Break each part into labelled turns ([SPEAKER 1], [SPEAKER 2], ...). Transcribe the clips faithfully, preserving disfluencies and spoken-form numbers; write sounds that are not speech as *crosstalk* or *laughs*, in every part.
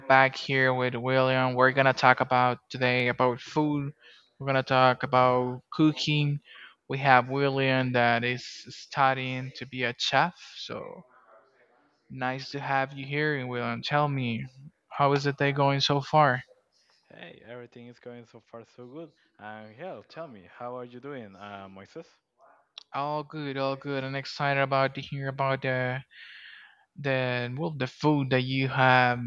[SPEAKER 1] back here with William. We're gonna talk about today about food. We're gonna talk about cooking. We have William that is studying to be a chef. So nice to have you here. And William, tell me, how is the day going so far?
[SPEAKER 2] Hey, everything is going so far so good. And hell, tell me, how are you doing, uh, Moises?
[SPEAKER 1] All good, all good. I'm excited about to hear about the the well the food that you have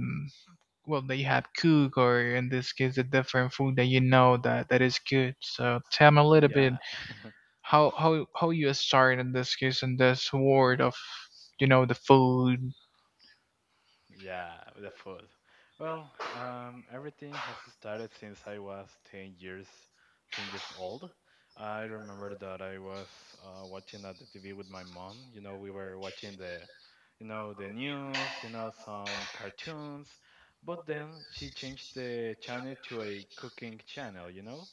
[SPEAKER 1] well that you have cook or in this case a different food that you know that that is good. So tell me a little bit
[SPEAKER 2] Yeah,
[SPEAKER 1] how how how you started in this case in this world of you know the food.
[SPEAKER 2] yeah, the food. Well, um, everything has started since I was 10 years, ten years old. I remember that I was uh, watching at the T V with my mom. You know, we were watching the, you know, the news, you know, some cartoons. But then she changed the channel to a cooking channel, you know?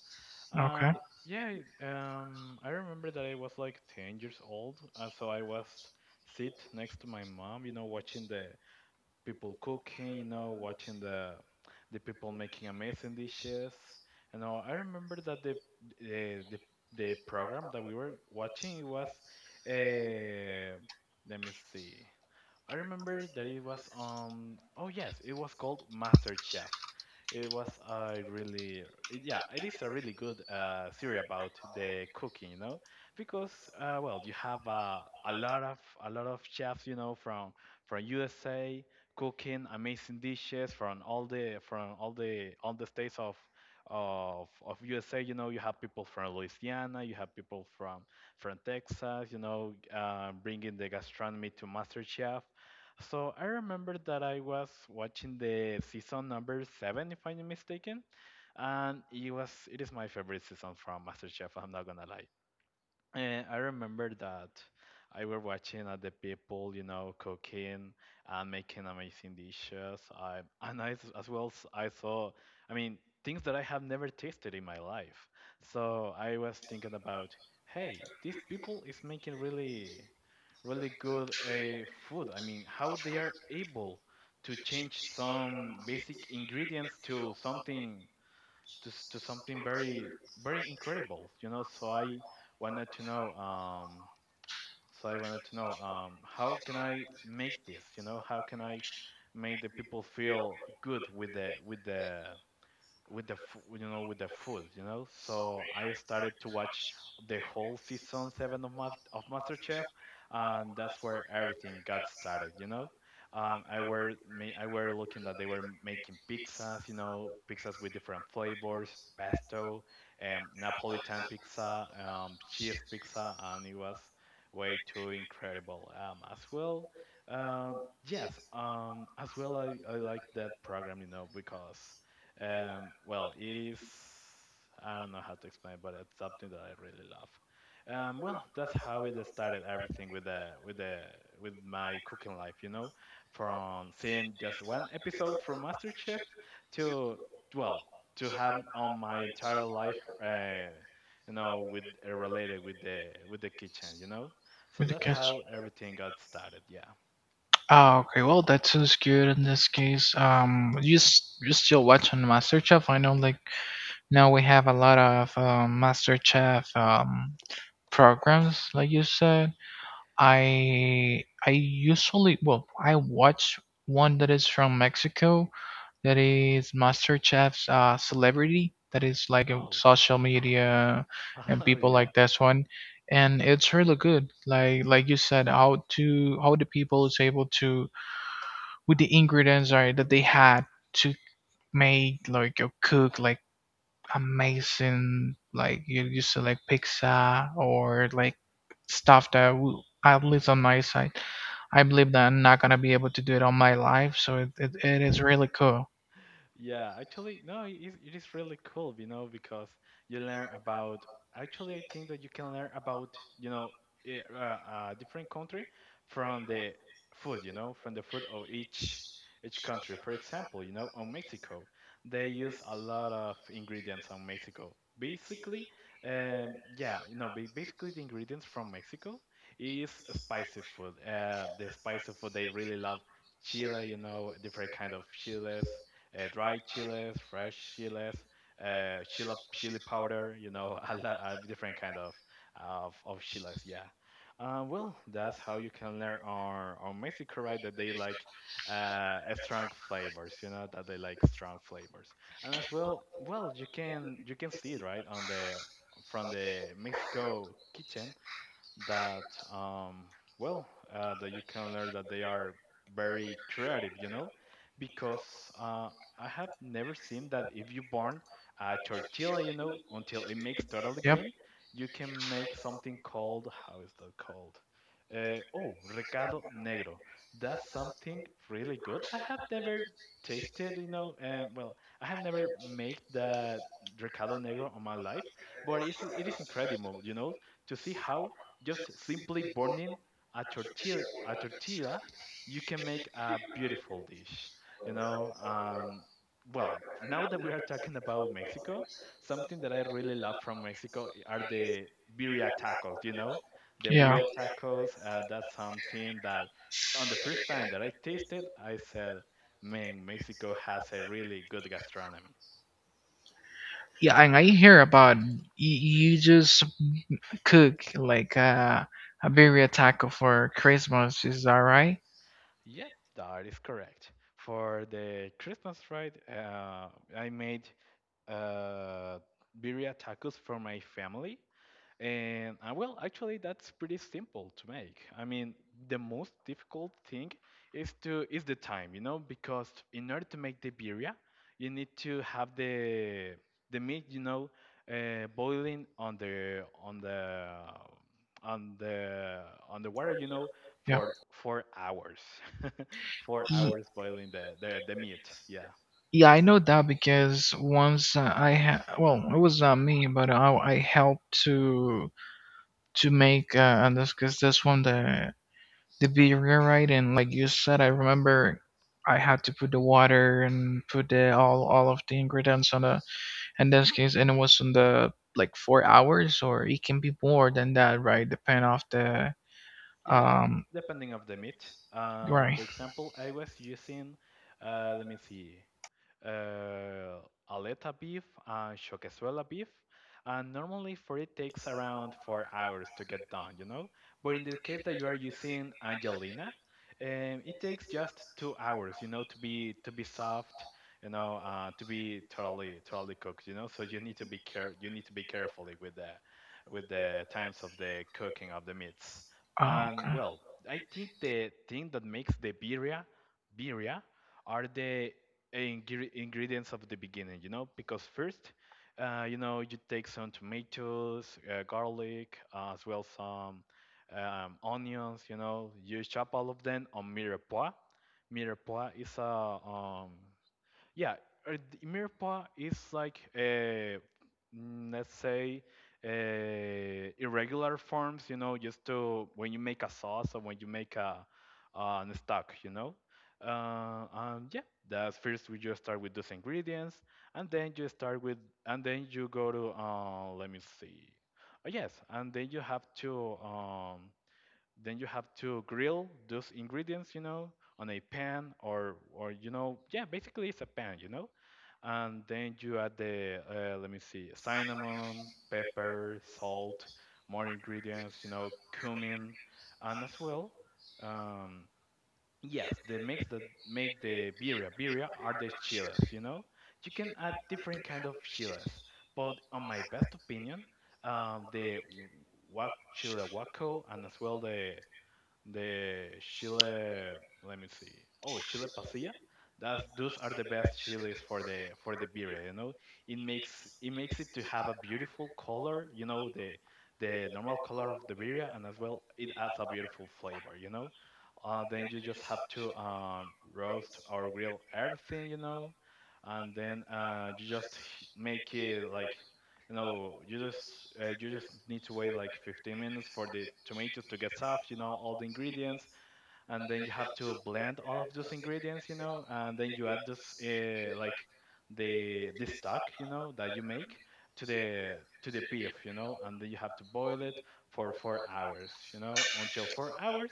[SPEAKER 1] Okay,
[SPEAKER 2] And yeah, um, I remember that I was like ten years old, and so I was sit next to my mom, you know, watching the people cooking, you know, watching the the people making amazing dishes. You know, I remember that the the the, the program that we were watching it was, uh, let me see, I remember that it was um oh yes, it was called Master Chef. It was a really it- yeah, it is a really good uh series about the cooking, you know, because uh well you have uh, a lot of a lot of chefs, you know, from from U S A cooking amazing dishes from all the from all the all the states of of of U S A. You know, you have people from Louisiana, you have people from from Texas, you know, uh, bringing the gastronomy to MasterChef. So I remember that I was watching the season number seven, if I'm not mistaken, and it was it is my favorite season from MasterChef. I'm not gonna lie. And I remember that I were watching at the people, you know, cooking and making amazing dishes. I and I s- as well s- I saw, I mean, things that I have never tasted in my life. So I was thinking about, hey, these people is making really really good uh, food. I mean, how they are able to change some basic ingredients to something to, s- to something very very incredible. You know, so I wanted to know. Um, so I wanted to know um, how can I make this? You know, how can I make the people feel good with the with the with the f- you know with the food you know so I started to watch the whole season seven of Ma- of masterchef and that's where everything got started you know um, i were me I were looking that they were m- making pizzas you know pizzas with different flavors pesto um, napolitan pizza um, cheese pizza and it was way too incredible um, as well um, yes um, as well I, I like that program you know because um, well, it is. I don't know how to explain, it, but it's something that I really love. Um, well, that's how it started everything with the with the with my cooking life, you know, from seeing just one episode from MasterChef to well to have on my entire life, uh, you know, with uh, related with the with the kitchen, you know. So
[SPEAKER 1] with the
[SPEAKER 2] that's
[SPEAKER 1] kids.
[SPEAKER 2] how everything got started. Yeah.
[SPEAKER 1] Oh, okay. Well, that sounds good in this case. Um, you s- you still watching MasterChef? I know, like now we have a lot of um, MasterChef um programs, like you said. I I usually well I watch one that is from Mexico that is MasterChef's uh, celebrity, that is like a
[SPEAKER 2] Oh,
[SPEAKER 1] social media, and
[SPEAKER 2] *laughs* Oh
[SPEAKER 1] people
[SPEAKER 2] yeah.
[SPEAKER 1] like this one, and it's really good, like like you said, how to how the people is able to with the ingredients are that they had to make like or cook like amazing, like you used to like pizza or like stuff that w- at least on my side, I believe that I'm not going to be able to do it on my life. So it, it, it is really cool.
[SPEAKER 2] Yeah, actually, no, it is, it is really cool, you know, because you learn about. Actually, I think that you can learn about, you know, a uh, uh, different country from the food, you know, from the food of each each country. For example, you know, on Mexico, they use a lot of ingredients on Mexico. Basically, um, yeah, you know, ba- basically the ingredients from Mexico is spicy food. Uh, the spicy food they really love chile, you know, different kind of chiles uh, dried chiles, fresh chiles, uh, chili chili powder. You know, *laughs* a lot of different kind of of, of chiles. Yeah. Uh, well, that's how you can learn on on Mexico, right? That they like uh, a strong flavors. You know, that they like strong flavors, and as well, well, you can you can see it right on the from the Mexico kitchen that um, well uh, that you can learn that they are very creative you know because uh, I have never seen that if you burn a tortilla you know until it makes totally
[SPEAKER 1] Yep.
[SPEAKER 2] green you can make something called how is that called uh, oh recado negro that's something really good I have never tasted you know and well I have never made that recado negro on my life but it's, it is incredible you know to see how just simply burning a tortilla, a tortilla, you can make a beautiful dish. You know, um, well, now that we are talking about Mexico, something that I really love from Mexico are the birria tacos. You know, the
[SPEAKER 1] Yeah.
[SPEAKER 2] birria tacos. Uh, that's something that on the first time that I tasted, I said, "Man, Mexico has a really good gastronomy."
[SPEAKER 1] Yeah, and I hear about y- you just cook like uh, a birria taco for Christmas. Is that right?
[SPEAKER 2] Yep, that is correct. For the Christmas ride, uh, I made uh, birria tacos for my family. And uh, well, actually, that's pretty simple to make. I mean, the most difficult thing is to is the time, you know, because in order to make the birria, you need to have the the meat, you know, uh, boiling on the on the on the on the water, you know,
[SPEAKER 1] Yeah.
[SPEAKER 2] for four hours, *laughs* four
[SPEAKER 1] Ye-
[SPEAKER 2] hours boiling the the, the meat. Yeah,
[SPEAKER 1] Yeah, I know that because once uh, I ha well, it was not me, but I, I helped to to make uh, and this, because this one, the the beer, right? And like you said, I remember I had to put the water and put the all all of the ingredients on the in this case, and it was on the like four hours, or it can be more than that, right? Depend off the
[SPEAKER 2] yeah,
[SPEAKER 1] um
[SPEAKER 2] depending of the meat. Uh,
[SPEAKER 1] right.
[SPEAKER 2] for example, I was using. Uh, let me see. uh, aleta beef, and choquezuela beef. And normally for it takes around four hours to get done, you know. But in the case that you are using Angelina, um, it takes just two hours, you know, to be to be soft, you know, uh, to be totally totally cooked, you know. So you need to be care you need to be carefully with the with the times of the cooking of the meats.
[SPEAKER 1] uh,
[SPEAKER 2] And
[SPEAKER 1] okay.
[SPEAKER 2] well, I think the thing that makes the birria birria are the ingre- ingredients of the beginning, you know, because first, uh, you know, you take some tomatoes, uh, garlic, uh, as well some um, onions, you know, you chop all of them on mirepoix. Mirepoix is a um, yeah, uh, the Mirpa is like uh, mm, let's say uh, irregular forms, you know, just to when you make a sauce or when you make a uh, an stock, you know. Uh, um, yeah, that's first we just start with those ingredients, and then you start with, and then you go to uh, let me see. Uh, yes, and then you have to um, then you have to grill those ingredients, you know, on a pan or or you know, yeah, basically it's a pan, you know. And then you add the uh, let me see, cinnamon, pepper, salt, more ingredients, you know, cumin, and as well, um, yes, the mix that make the birria birria are the chiles, you know. You can add different kind of chiles, but on my best opinion, um, the wak chile guaco and as well the the chile let me see oh chile pasilla that's those are the best chiles for the for the beer you know it makes it makes it to have a beautiful color you know the the normal color of the beer and as well it adds a beautiful flavor you know uh, then you just have to um, roast or grill everything you know and then uh, you just h- make it like no, you just uh, you just need to wait like fifteen minutes for the tomatoes to get soft, you know, all the ingredients, and then you have to blend all of those ingredients, you know, and then you add this uh, like the the stock, you know, that you make to the to the beef, you know, and then you have to boil it for four hours, you know, until four hours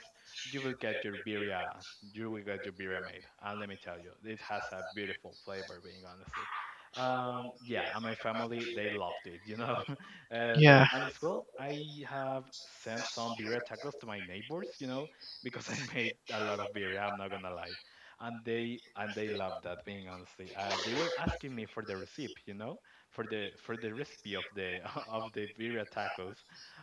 [SPEAKER 2] you will get your birria, you will get your birria made. And let me tell you, it has a beautiful flavor, being honestly. Um, yeah, and my family they loved it, you know. *laughs* uh, they
[SPEAKER 1] Yeah.
[SPEAKER 2] and as well, I have sent some birria tacos to my neighbors, you know, because I made a lot of birria. I'm not gonna lie, and they and they loved that. Being honestly, uh, they were asking me for the recipe, you know, for the for the recipe of the *laughs* of the birria tacos.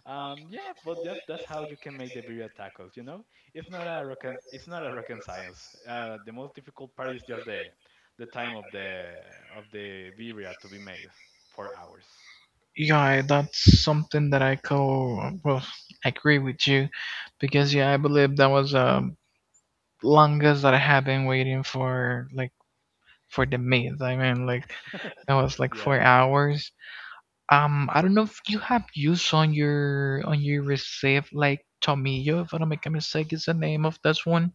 [SPEAKER 2] Um, yeah, but that that's how you can make the birria tacos. You know, it's not a rock and, it's not a rock and science. Uh, the most difficult part is just the the time of the of the birria to be made, for hours.
[SPEAKER 1] Yeah, that's something that I co well agree with you, because yeah, I believe that was um longest that I have been waiting for like for the meat. I mean like that was like four
[SPEAKER 2] Yeah.
[SPEAKER 1] hours. Um, I don't know if you have used on your on your receipt like Tomillo, if I don't make a mistake, is the name of this one.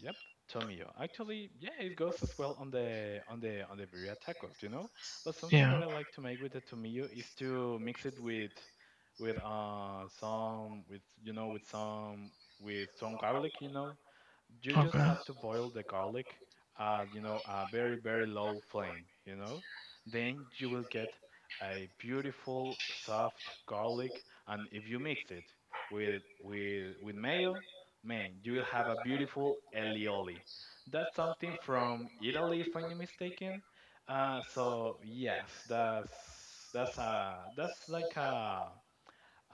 [SPEAKER 2] Yep, Tomio. Actually, yeah, it goes as well on the on the on the birria tacos, you know. But something that
[SPEAKER 1] Yeah.
[SPEAKER 2] I like to make with the tomillo is to mix it with with uh some with you know with some with some garlic, you know, you just
[SPEAKER 1] Okay.
[SPEAKER 2] have to boil the garlic at you know a very very low flame, you know then you will get a beautiful soft garlic. And if you mix it with with with mayo, man, you will have a beautiful elioli. That's something from Italy if I'm not mistaken. Uh, so yes, that's that's uh that's like a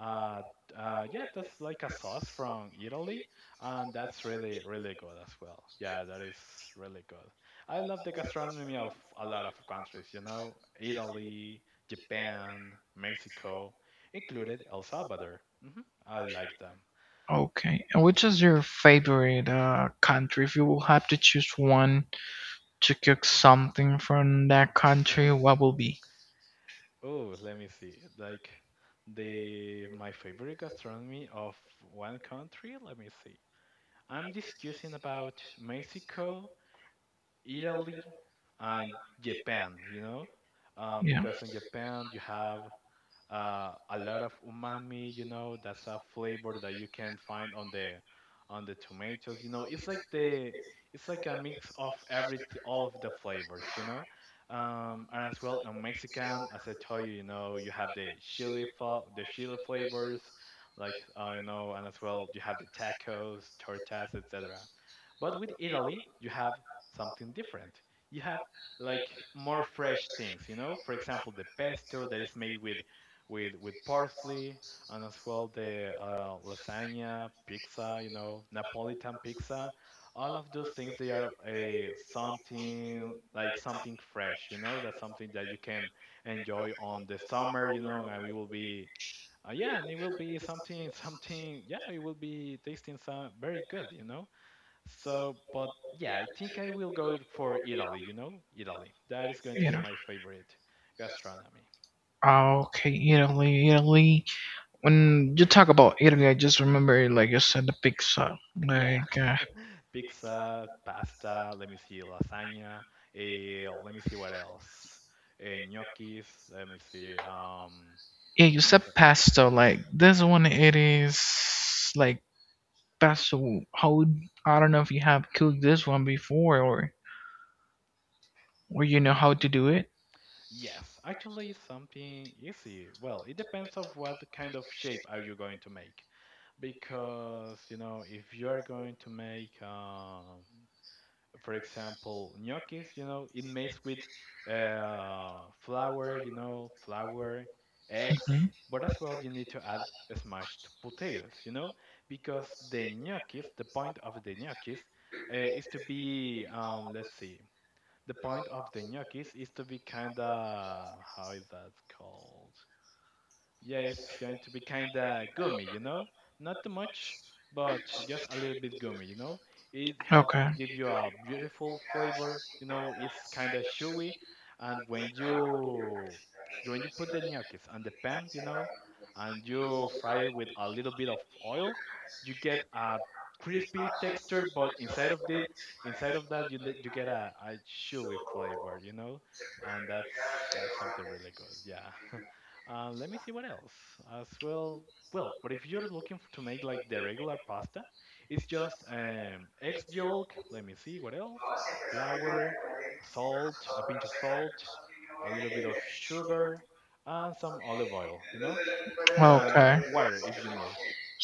[SPEAKER 2] uh, uh, yeah, that's like a sauce from Italy, and that's really, really good as well. Yeah, that is really good. I love the gastronomy of a lot of countries, you know, Italy, Japan, Mexico, included El Salvador. Hmm, I like them.
[SPEAKER 1] Okay. And which is your favorite uh, country? If you will have to choose one to cook
[SPEAKER 2] Mhm.
[SPEAKER 1] something from that country, what will be?
[SPEAKER 2] Oh, let me see. Like the my favorite gastronomy of one country. Let me see. I'm discussing about Mexico, Italy, and Japan, you know, um,
[SPEAKER 1] Yeah.
[SPEAKER 2] because in Japan you have uh, a lot of umami. You know, that's a flavor that you can find on the on the tomatoes. You know, it's like the it's like a mix of every all of the flavors. You know, um, and as well in Mexican, as I told you, you know, you have the chili fa- the chili flavors, like uh, you know, and as well you have the tacos, tortas, et cetera. But with Italy, you have something different. You have like more fresh things, you know. For example, the pesto that is made with with with parsley, and as well the uh, lasagna, pizza, you know, Napolitan pizza. All of those things they are a something like something fresh, you know. That's something that you can enjoy on the summer, you know, and we will be. Uh, yeah, and it will be something, something. Yeah, it will be tasting some very good, you know. So, but yeah, I think I will go for Italy, you know, Italy. That is going to be
[SPEAKER 1] Italy.
[SPEAKER 2] my favorite gastronomy.
[SPEAKER 1] Okay, Italy, Italy. When you talk about Italy, I just remember, like you said, the pizza.
[SPEAKER 2] Yeah.
[SPEAKER 1] Like uh,
[SPEAKER 2] Pizza, pasta. Let me see, lasagna. Eh, let me see what else. Uh, Gnocchis. Let me see. Um,
[SPEAKER 1] yeah, you said pesto. Like this one, it is like pesto. How, I don't know if you have cooked this one before, or or you know how
[SPEAKER 2] Mhm.
[SPEAKER 1] to do it.
[SPEAKER 2] Yes, actually something easy. Well, it depends of what kind of shape are you going to make. Because, you know, if you are going to make um for example, gnocchis, you know, it makes with uh, flour, you know, flour, eggs,
[SPEAKER 1] Hmm.
[SPEAKER 2] but as well you need to add smashed potatoes, you know, because the gnocchis, the point of the gnocchis uh, is to be, um, let's see, the point of the gnocchis is to be kind of, how is that called? Yeah, it's going to be kind of gummy, you know? Not too much, but just a little bit gummy, you know? It helps
[SPEAKER 1] Okay.
[SPEAKER 2] it to give you a beautiful flavor, you know? It's kind of chewy, and when you when you put the gnocchis on the pan, you know, and you fry it with a little bit of oil, you get a crispy texture, but inside of it, inside of that, you ne- you get a, a chewy flavor, you know? And that's that's something really good. Yeah. *laughs* Uh, let me see what else as well. Well, but if you're looking f to make like the regular pasta, it's just um, egg yolk. Let me see what else. Flour, salt, a pinch of salt, a little bit of sugar, and some olive oil. You know, and
[SPEAKER 1] Okay.
[SPEAKER 2] water if you need.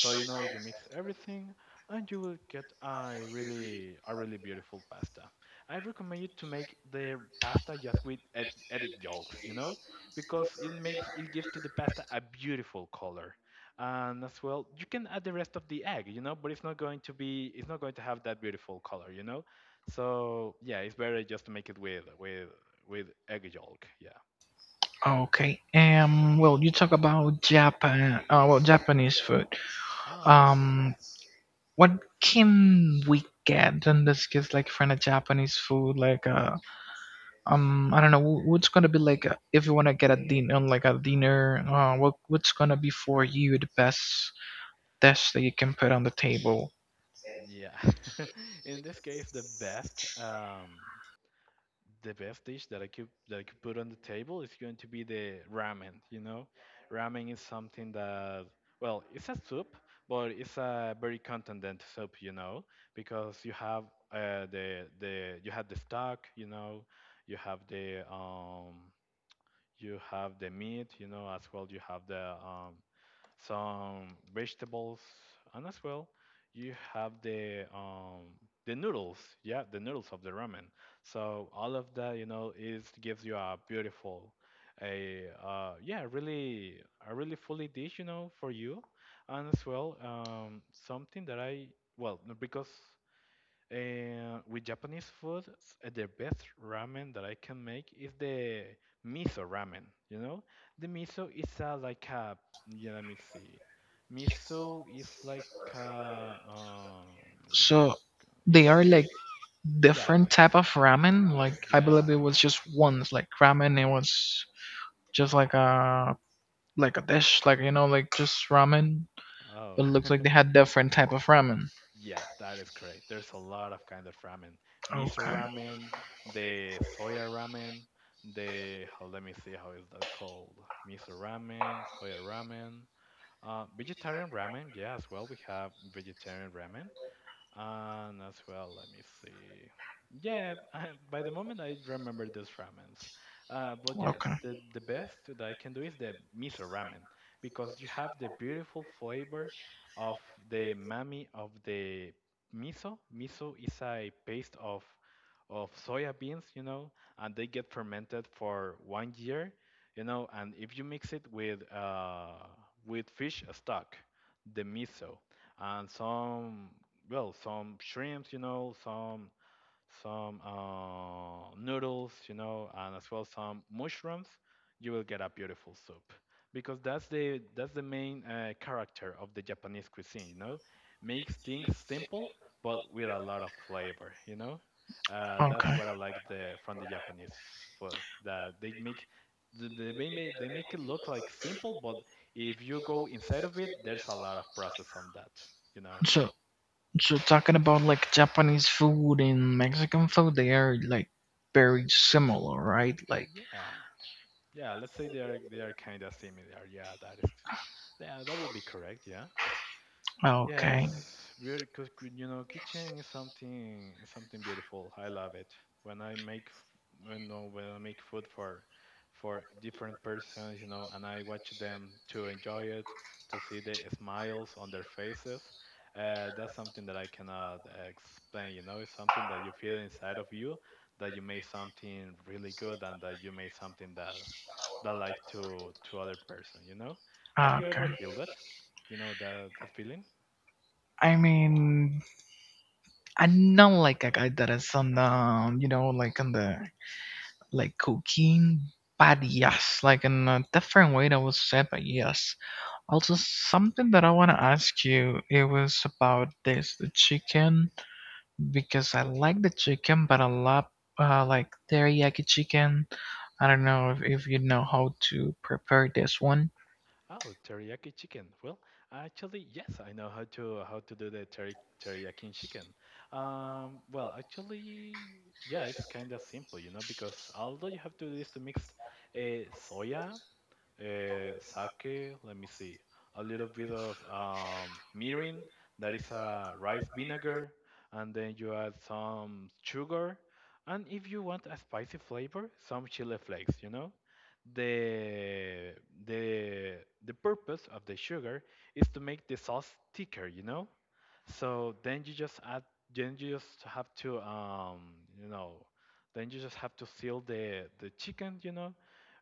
[SPEAKER 2] So you know, you mix everything, and you will get a really a really beautiful pasta. I recommend you to make the pasta just with egg egg yolks, you know, because it makes it gives to the pasta a beautiful color, and as well you can add the rest of the egg, you know, but it's not going to be it's not going to have that beautiful color, you know. So yeah, it's better just to make it with with with egg yolk, yeah.
[SPEAKER 1] Okay. Um. Well, you talk about Japan. Uh, well, Japanese food.
[SPEAKER 2] Oh, yeah.
[SPEAKER 1] Um, what can we get in this case, like for a Japanese food, like uh, um, I don't know, wh- what's gonna be like uh, if you wanna get a dinner, like a dinner, uh, what what's gonna be for you the best dish that you can put on the table?
[SPEAKER 2] Yeah. *laughs* In this case, the best um, the best dish that I could that I could put on the table is going to be the ramen. You know, ramen is something that well, it's a soup, but it's a very contendent soup. You know, because you have uh, the the you have the stock. You know, you have the um you have the meat. You know, as well you have the um some vegetables, and as well, you have the um, the noodles. Yeah, the noodles of the ramen. So all of that, you know, is gives you a beautiful, a uh, yeah, really a really fully dish, you know, for you, and as well, um, something that I well no, because and with Japanese food, s- uh, the best ramen that I can make is the miso ramen. You know, the miso is uh, like a yeah. Let me see. Miso is like a, um. Give me
[SPEAKER 1] So
[SPEAKER 2] a, it's
[SPEAKER 1] they
[SPEAKER 2] a
[SPEAKER 1] are
[SPEAKER 2] paste.
[SPEAKER 1] like
[SPEAKER 2] Yeah,
[SPEAKER 1] different type of ramen. Like I believe it
[SPEAKER 2] yeah.
[SPEAKER 1] was just once, like ramen, it was just like a like a dish, like you know, like just ramen.
[SPEAKER 2] Oh,
[SPEAKER 1] It looks like they had different type of ramen.
[SPEAKER 2] *laughs* yes, that is correct. There's a lot of kind of ramen. Miso
[SPEAKER 1] Okay.
[SPEAKER 2] ramen, the soya ramen, the. Oh, let me see how is that called. Miso ramen, soya ramen. Uh, vegetarian ramen, yes. Well, we have vegetarian ramen. And as well, let me see. Yeah, I, by the moment I remember those ramens. Uh, but yes,
[SPEAKER 1] Okay.
[SPEAKER 2] the, the best that I can do is the miso ramen because you have the beautiful flavor of the umami of the miso. Miso is a paste of of soya beans, you know, and they get fermented for one year, you know, and if you mix it with uh, with fish stock, the miso, and some well, some shrimps, you know, some some uh, noodles, you know, and as well some mushrooms, you will get a beautiful soup because that's the that's the main uh, character of the Japanese cuisine, you know, makes things simple but with a lot of flavor, you know. Uh, that's
[SPEAKER 1] Okay.
[SPEAKER 2] what I like the from the Japanese food that they make. th- They may may- they make it look like simple, but if you go inside of it, there's a lot of process on that, you know.
[SPEAKER 1] So, so talking about like Japanese food and Mexican food, they are like very similar, right? Like,
[SPEAKER 2] Yeah. Yeah, let's say they are they are kind of similar. Yeah, that is. Yeah, that would be correct. Yeah. Yeah,
[SPEAKER 1] okay,
[SPEAKER 2] it's very good. You know kitchen is something is something beautiful. I love it. When I make f- when uh, when I make food for for different persons, you know, and I watch them to enjoy it, to see the smiles on their faces. Uh, that's something that I cannot explain. You know, it's something that you feel inside of you that you made something really good and that you made something that that like to to other person. You know, have you ever
[SPEAKER 1] okay.
[SPEAKER 2] feel that? You know that that feeling?
[SPEAKER 1] I mean, I'm not like a guy that is on the, you know, like on the, like cooking, but yes, like in a different way that was said, but yes. Also, something that I want to ask you, it was about this, the chicken, because I like the chicken, but a lot uh, like teriyaki chicken. I don't know if, if you know how to prepare this one.
[SPEAKER 2] Oh, teriyaki chicken. Well, actually, yes, I know how to how to do the teri teriyaki chicken. Um, well, actually, yeah, it's kind of simple, you know, because although you have to do is to mix uh, soya uh, sake. Let me see. A little bit of um, mirin, that is a rice vinegar, and then you add some sugar, and if you want a spicy flavor, some chili flakes. You know, the the the purpose of the sugar is to make the sauce thicker. You know, so then you just add, then you just have to, um, you know, then you just have to seal the the chicken, you know,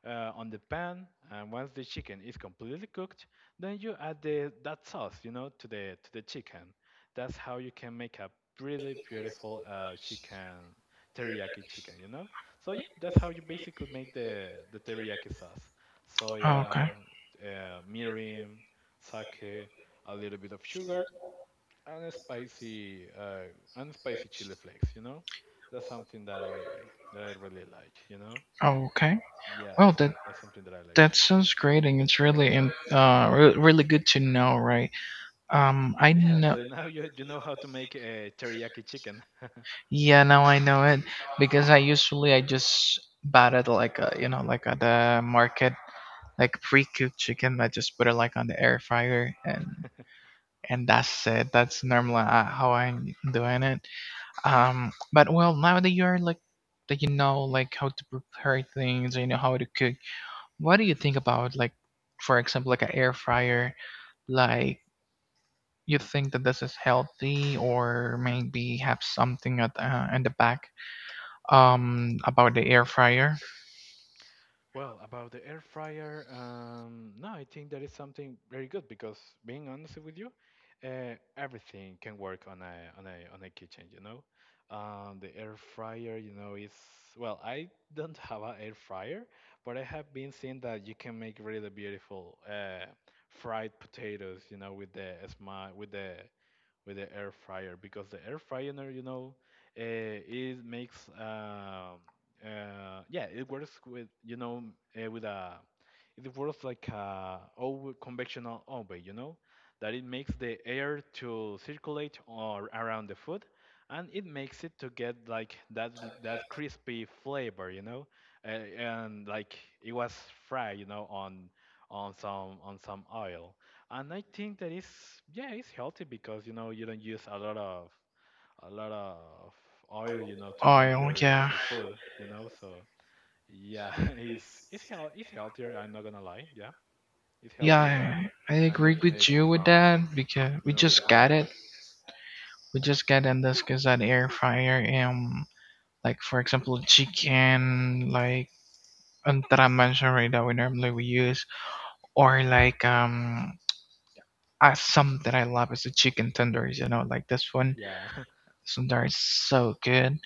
[SPEAKER 2] uh, on the pan. And once the chicken is completely cooked, then you add the that sauce, you know, to the to the chicken. That's how you can make a really beautiful uh, chicken teriyaki chicken, you know. So yeah, that's how you basically make the the teriyaki sauce.
[SPEAKER 1] Oh, okay.
[SPEAKER 2] Soya, uh, mirin, sake, a little bit of sugar and a spicy uh, and spicy chili flakes. You know, that's something that I re- that I really like. You know,
[SPEAKER 1] Oh, okay.
[SPEAKER 2] yeah,
[SPEAKER 1] Well,
[SPEAKER 2] that's,
[SPEAKER 1] that
[SPEAKER 2] re- that's something that I like
[SPEAKER 1] that
[SPEAKER 2] to do.
[SPEAKER 1] sounds great, and it's really in, uh re- really good to know, right? Um, I
[SPEAKER 2] Yeah,
[SPEAKER 1] know.
[SPEAKER 2] so now you you know how to make a teriyaki chicken. *laughs*
[SPEAKER 1] Yeah, now I know it, because I usually I just buy it like a, you know like at the market, like pre-cooked chicken. I just put it like on the air fryer, and and that's it. That's normally uh, how I'm doing it. Um, but well, now that you're like that you know like how to prepare things, you know how to cook. What do you think about, like, for example, like an air fryer? Like you think that this is healthy, or maybe have something at uh, in the back um about the air fryer?
[SPEAKER 2] Well, about the air fryer, um, no, I think that is something very good because being honest with you, uh, everything can work on a on a on a kitchen, you know. Um, the air fryer, you know, is well, I don't *laughs* have an air fryer, but I have been seeing that you can make really beautiful uh, fried potatoes, you know, with the smile, with the with the air fryer because the air fryer, you know, uh, it makes um uh, yeah, it works with you know uh, with a it works like a oven, conventional oven, you know, that it makes the air to circulate or around the food, and it makes it to get like that that crispy flavor, you know, uh, and like it was fried, you know, on on some on some oil. And I think that it's yeah, it's healthy because you know you don't use a lot of a lot of oil, you know, to make
[SPEAKER 1] Oh
[SPEAKER 2] your
[SPEAKER 1] yeah,
[SPEAKER 2] your food, you know. So yeah, *laughs* it's it's heal it's healthier. I'm not gonna lie. Yeah, it's
[SPEAKER 1] yeah,
[SPEAKER 2] healthier than
[SPEAKER 1] I I
[SPEAKER 2] than
[SPEAKER 1] agree
[SPEAKER 2] making
[SPEAKER 1] with
[SPEAKER 2] it
[SPEAKER 1] you with that,
[SPEAKER 2] from
[SPEAKER 1] because we
[SPEAKER 2] you know with the
[SPEAKER 1] just got
[SPEAKER 2] oil.
[SPEAKER 1] it. We just got in this because that air fryer. Um, like for example chicken, like um, that I mentioned, right, that we normally we use, or like um, I, some that I love is the chicken tenders. You know, like this one,
[SPEAKER 2] Yeah. *laughs*
[SPEAKER 1] this one there is so good.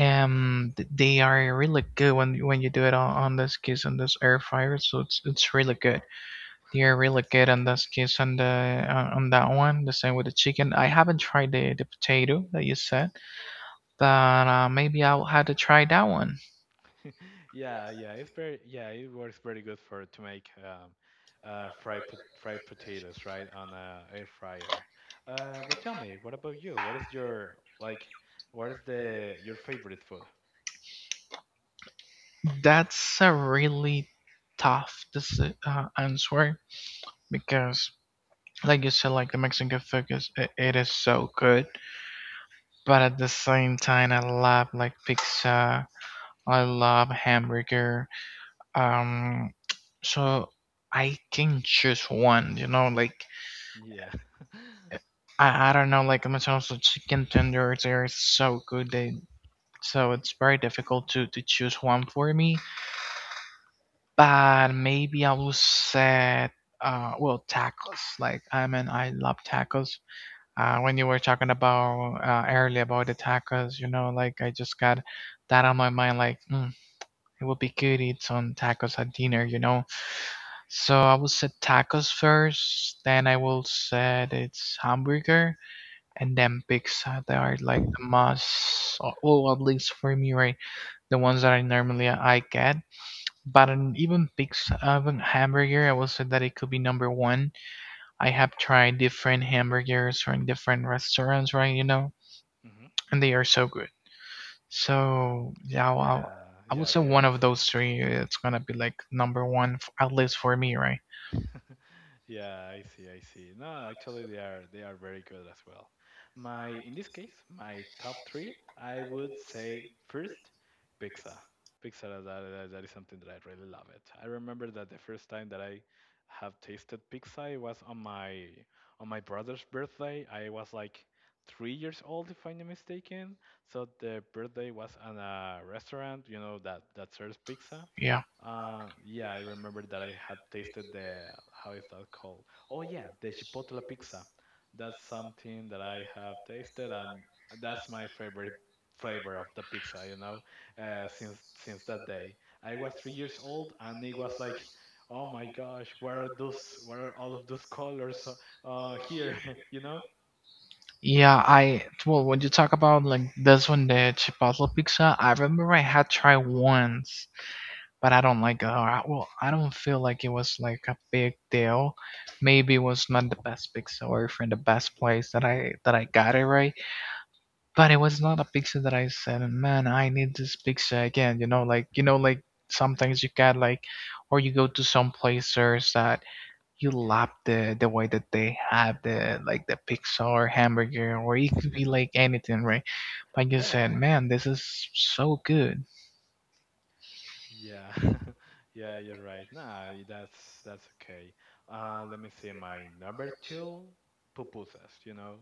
[SPEAKER 1] Um, th- they are really good when when you do it on, on this case on this air fryer. So it's it's really good. They are really good on this case on the on, on that one. The same with the chicken. I haven't tried the the potato that you said, but uh, maybe I'll have to try that one.
[SPEAKER 2] *laughs* Yeah, yeah, it's very yeah, it works very good for to make um, uh, fried pot fried potatoes, right, on a air fryer. Uh, but tell me, what about you? What is your like? What is the your favorite food?
[SPEAKER 1] That's a really tough this uh, answer, because like you said, like the Mexican food is i- it is so good, but at the same time I love like pizza, I love hamburger, um so I can choose one, you know, like
[SPEAKER 2] Yeah, *laughs*
[SPEAKER 1] i, I don't know, like McDonald's chicken tenders, they are so good, they so it's very difficult to to choose one for me. But maybe I will say uh well tacos, like I mean I love tacos. Uh, when you were talking about uh, earlier about the tacos, you know, like I just got that on my mind. Like mm, it would be good to eat some tacos at dinner, you know. So I will say tacos first, then I will say it's hamburger, and then pizza. They are like the most, or or at least for me, right? The ones that I normally uh, I get. But an, even pizza, even hamburger, I will say that it could be number one. I have tried different hamburgers from different restaurants, right? You know,
[SPEAKER 2] hmm.
[SPEAKER 1] and they are so good. So yeah, I'll, I'll-
[SPEAKER 2] Yeah,
[SPEAKER 1] I would
[SPEAKER 2] yeah,
[SPEAKER 1] say
[SPEAKER 2] they're
[SPEAKER 1] one of
[SPEAKER 2] so good.
[SPEAKER 1] those three. It's gonna be like number one, f- at least for me, right?
[SPEAKER 2] *laughs* Yeah, I see, I see. No, actually they are they are very good as well. My in this case, my top three, I would say first, pizza. Pizza that, that that is something that I really love it. I remember that the first time that I have tasted pizza, it was on my on my brother's birthday. I was like three years old if I'm not mistaken. So the birthday was on a restaurant, you know, that that serves pizza.
[SPEAKER 1] Yeah,
[SPEAKER 2] Uh, yeah, I remember that I had tasted the how is that called? Oh yeah, the Chipotle pizza. That's something that I have tasted, and that's my favorite flavor of the pizza. You know, uh, since since that day, I was three years old, and it was like, oh my gosh, what are those? What are all of those colors uh, uh, here? *laughs* you know?
[SPEAKER 1] yeah. I well, when you talk about like this one, the Chipotle pizza, I remember I had tried once, but I don't like. Uh, I- well, I don't feel like it was like a big deal. Maybe it was not the best pizza or from the best place that I that I got it, right? But it was not a picture that I said, man, I need this picture again. You know, like you know, like sometimes you get like, or you go to some places that you love the the way that they have the like the pizza or hamburger, or it could be like anything, right? But you
[SPEAKER 2] Yeah.
[SPEAKER 1] said, man, this is so good.
[SPEAKER 2] Yeah, *laughs* yeah, you're right. Nah, y- that's that's okay. Uh, let me see. My number two, pupusas. You know,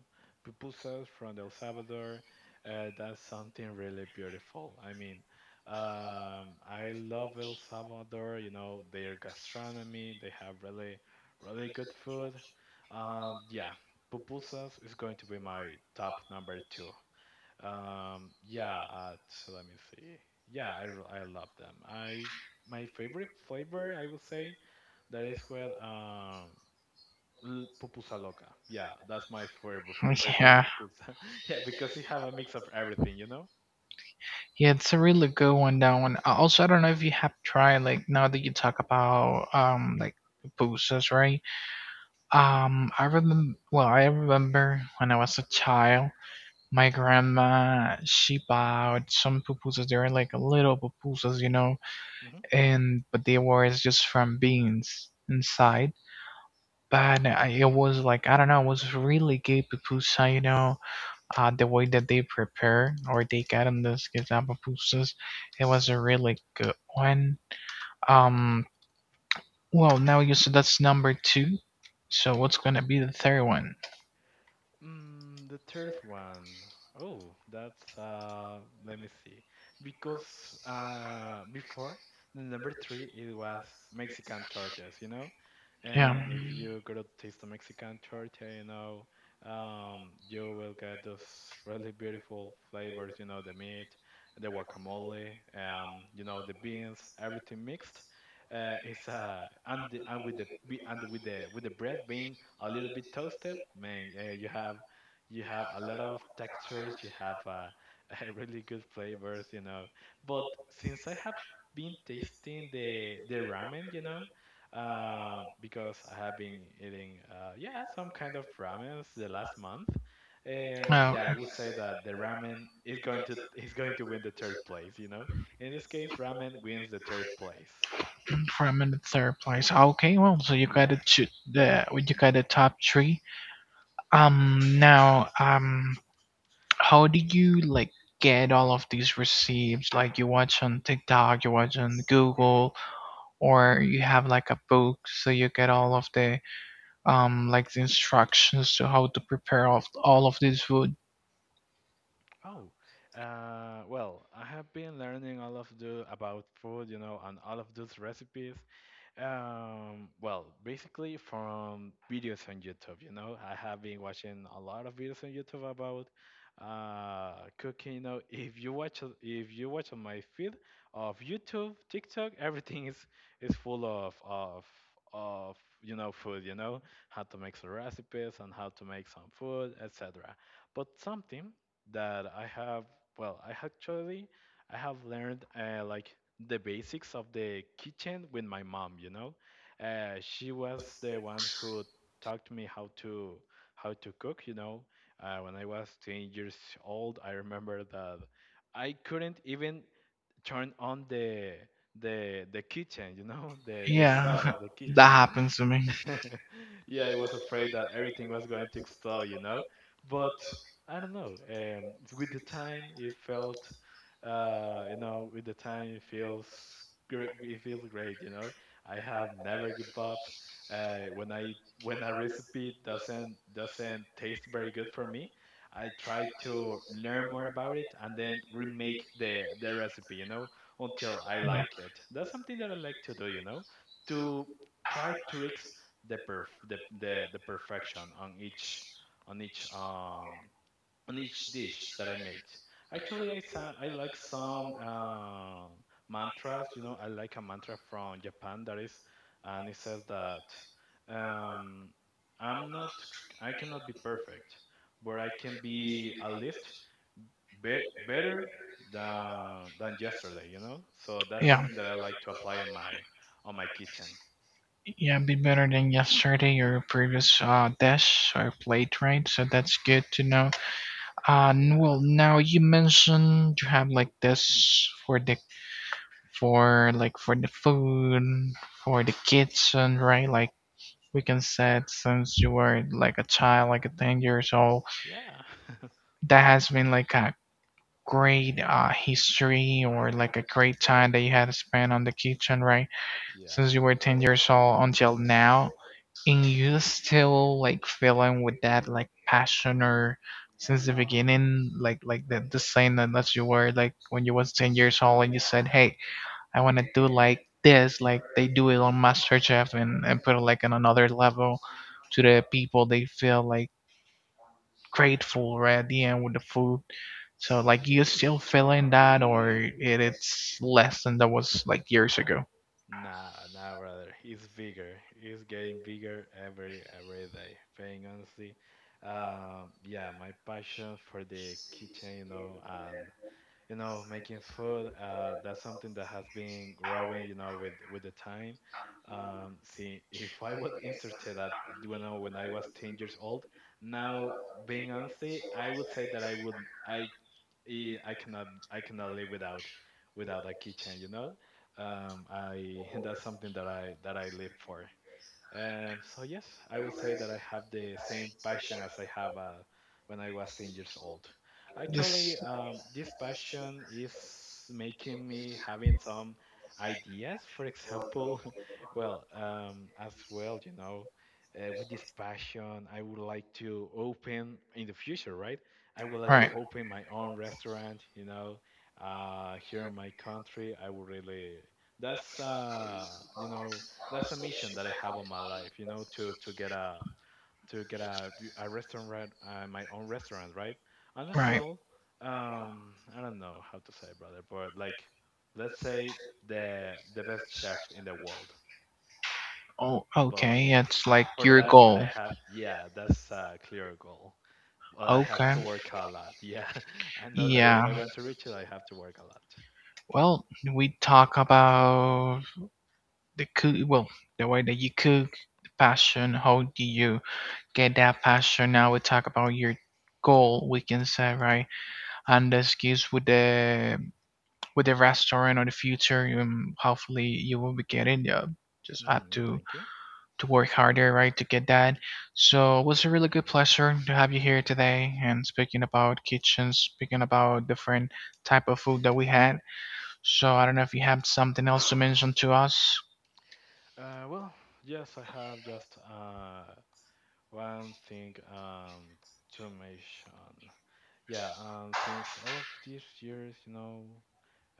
[SPEAKER 2] pupusas from El Salvador. Uh, that's something really beautiful. I mean, um, I love El Salvador. You know, their gastronomy. They have really, really good food. Um, yeah, pupusas is going to be my top number two. Um, yeah, uh, t- let me see. Yeah, I, r- I love them. I my favorite flavor, I would say, that is with um l- pupusa loca. Yeah, that's my favorite for your
[SPEAKER 1] *laughs*
[SPEAKER 2] favorite
[SPEAKER 1] Yeah,
[SPEAKER 2] pupusa. *laughs* Yeah, because it have a mix of everything, you know.
[SPEAKER 1] yeah, it's a really good one. That one. Uh, Also, I don't know if you have tried like, now that you talk about um like pupusas, right? Um, I remember. Well, I remember when I was a child, my grandma, she bought some pupusas. They were like little pupusas, you know,
[SPEAKER 2] Mm-hmm.
[SPEAKER 1] and but they were just from beans inside. But I, it was like I don't know, it was really good pupusa, you know, uh, the way that they prepare or they get in this quesadilla pupusas, it was a really good one. Um, well, now you said that's number two, so what's gonna be the third one?
[SPEAKER 2] Mm, the third one. Oh, that's uh let me see. Because uh before the number three it was Mexican tortas, you know? And
[SPEAKER 1] Yeah.
[SPEAKER 2] if you go to taste a Mexican torta, you know, um you will get those really beautiful flavors, you know, the meat, the guacamole, um, you know, the beans, everything mixed. Uh, it's uh and the, and with the be- and with the with the bread being a little bit toasted, man, uh, you have you have a lot of textures, you have uh, *laughs* uh, really good flavors, you know. But since I have been tasting the the ramen, you know, uh, because I have been eating uh, yeah some kind of ramens the last month. Um,
[SPEAKER 1] Oh,
[SPEAKER 2] yeah, I
[SPEAKER 1] okay.
[SPEAKER 2] would say that the ramen is going to is going to win the third place, you know. In this case, ramen wins the third place.
[SPEAKER 1] From in the third place. Okay, well, so you got it to the well, you got the top three. Um, now, um, how did you like get all of these receipts? Like, you watch on TikTok, you watch on Google, or you have like a book, so you get all of the um like the instructions to how to prepare of all of this food.
[SPEAKER 2] Oh, uh, well, I have been learning all of the about food, you know, and all of those recipes. Um, well, basically from videos on YouTube, you know, I have been watching a lot of videos on YouTube about uh, cooking. You know, if you watch a- if you watch on my feed of YouTube, TikTok, everything is is full of of of you know food. You know, how to make some recipes and how to make some food, et cetera. But something that I have, well, I actually I have learned uh, like the basics of the kitchen with my mom, you know. Uh, she was the one who taught me how to how to cook, you know. Uh, when I was ten years old, I remember that I couldn't even turn on the the the kitchen, you know, *laughs* the the
[SPEAKER 1] Yeah,
[SPEAKER 2] stove of the
[SPEAKER 1] *laughs* that
[SPEAKER 2] kitchen.
[SPEAKER 1] happens to me.
[SPEAKER 2] *laughs* yeah, I was afraid that everything was going to explode, you know. But I don't know. Um, with the time, it felt, uh, you know, with the time, it feels great. It feels great, you know. I have never give up. Uh, when I when a recipe doesn't doesn't taste very good for me, I try to learn more about it and then remake the the recipe, you know, until I like it. That's something that I like to do, you know, to try tricks the perf- the, the the perfection on each on each um on each dish that I make. Actually, I sa- I like some uh, mantras. You know, I like a mantra from Japan that is, and it says that um, I'm not I cannot be perfect, but I can be at least be- better than than yesterday. You know, so that's
[SPEAKER 1] Yeah,
[SPEAKER 2] something that I like to apply on my on my kitchen.
[SPEAKER 1] yeah, be better than yesterday or previous uh dash or plate, right? So that's good to know. Uh, n-
[SPEAKER 2] Yeah.
[SPEAKER 1] well, now you mentioned you have like this for the for like for the food for the kitchen, right? Like we can say since you were like a child, like a ten years old,
[SPEAKER 2] Yeah.
[SPEAKER 1] that has been like a great uh, history or like a great time that you had spent on the kitchen, right?
[SPEAKER 2] *laughs*
[SPEAKER 1] Since
[SPEAKER 2] yeah.
[SPEAKER 1] you were ten years old until now, and you still like feeling with that like passion, or since the beginning, like like the, the same that that you were like when you was ten years old, and you said, hey, I want to do like this, like they do it on MasterChef, and, and put it like on another level to the people, they feel like grateful right at the end with the food. So like you still feeling that, or it, it's less than that was like years ago?
[SPEAKER 2] Nah, nah, brother. He's bigger. He's getting bigger every every day. Being honestly, um, yeah, my passion for the kitchen, you know, and you know, making food, uh, that's something that has been growing, you know, with with the time. Um, see, if I was inserted at, you know, when I was ten years old, now being honestly, I would say that I would, I eh, I cannot I cannot live without without a kitchen. You know, um, I *laughs* that's something that I that I live for. Um, so yes, I would say that I have the same passion as I have uh, when I was ten years old. Actually, um, this passion is making me having some ideas. For example, *laughs* well, um, as well, you know, uh, with this passion, I would like to open in the future, right? I would like to
[SPEAKER 1] Right,
[SPEAKER 2] open my own restaurant, you know, uh, here in my country. I would really. That's uh, you know that's a mission that I have on my life, you know, to to get a to get a, v- a restaurant, right, uh, my own restaurant, right? And as
[SPEAKER 1] right.
[SPEAKER 2] well, um, I don't know how to say, brother, but like, let's say the the best chef in the world.
[SPEAKER 1] Oh,
[SPEAKER 2] But
[SPEAKER 1] okay.
[SPEAKER 2] yeah,
[SPEAKER 1] It's like
[SPEAKER 2] for
[SPEAKER 1] your
[SPEAKER 2] that I
[SPEAKER 1] goal.
[SPEAKER 2] have, yeah, that's a clear goal. But I have
[SPEAKER 1] Okay.
[SPEAKER 2] to work a lot. Yeah, *laughs* I know that if
[SPEAKER 1] Yeah.
[SPEAKER 2] I want to reach it, I have to work a lot.
[SPEAKER 1] Well, we talk about the cook well the way that you cook, the passion, how do you get that passion, now we talk about your goal, we can say, right, and the skills with the with the restaurant or the future. Um, hopefully you will be getting. Uh, just have
[SPEAKER 2] Hmm,
[SPEAKER 1] to
[SPEAKER 2] thank you.
[SPEAKER 1] to work harder, right, to get that. So it was a really good pleasure to have you here today, and speaking about kitchens, speaking about different type of food that we had. So I don't know if you have something else to mention to us.
[SPEAKER 2] Uh, well, yes, I have just uh, one thing um, to mention. Yeah, um, since all of these years, you know,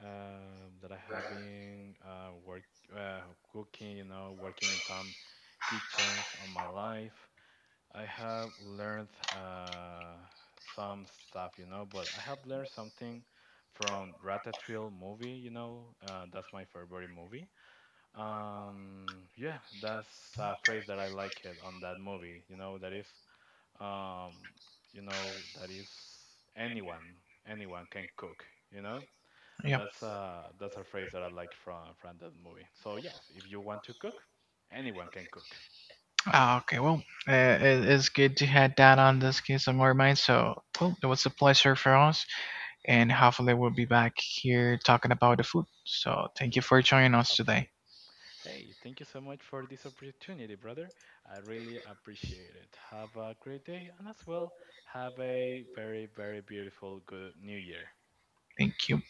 [SPEAKER 2] um, that I have been uh, work uh, cooking, you know, working in some kitchens on my life, I have learned uh, some stuff, you know, but I have learned something from Ratatouille movie, you know, uh, that's my favorite movie. Um, yeah, that's a phrase that I like it on that movie, you know, that is um, you know that is anyone anyone can cook, you know,
[SPEAKER 1] Yep.
[SPEAKER 2] that's uh that's a phrase that I like from from that movie. So yes, if you want to cook, anyone can cook.
[SPEAKER 1] Ah, okay, well, uh, it, it's good to have that on this case on our mind. So, well, it was a pleasure for us, and hopefully we'll be back here talking about the food. So thank you for joining us today.
[SPEAKER 2] Hopefully. Hey, thank you so much for this opportunity, brother. I really appreciate it. Have a great day, and as well have a very, very beautiful good new year.
[SPEAKER 1] Thank you.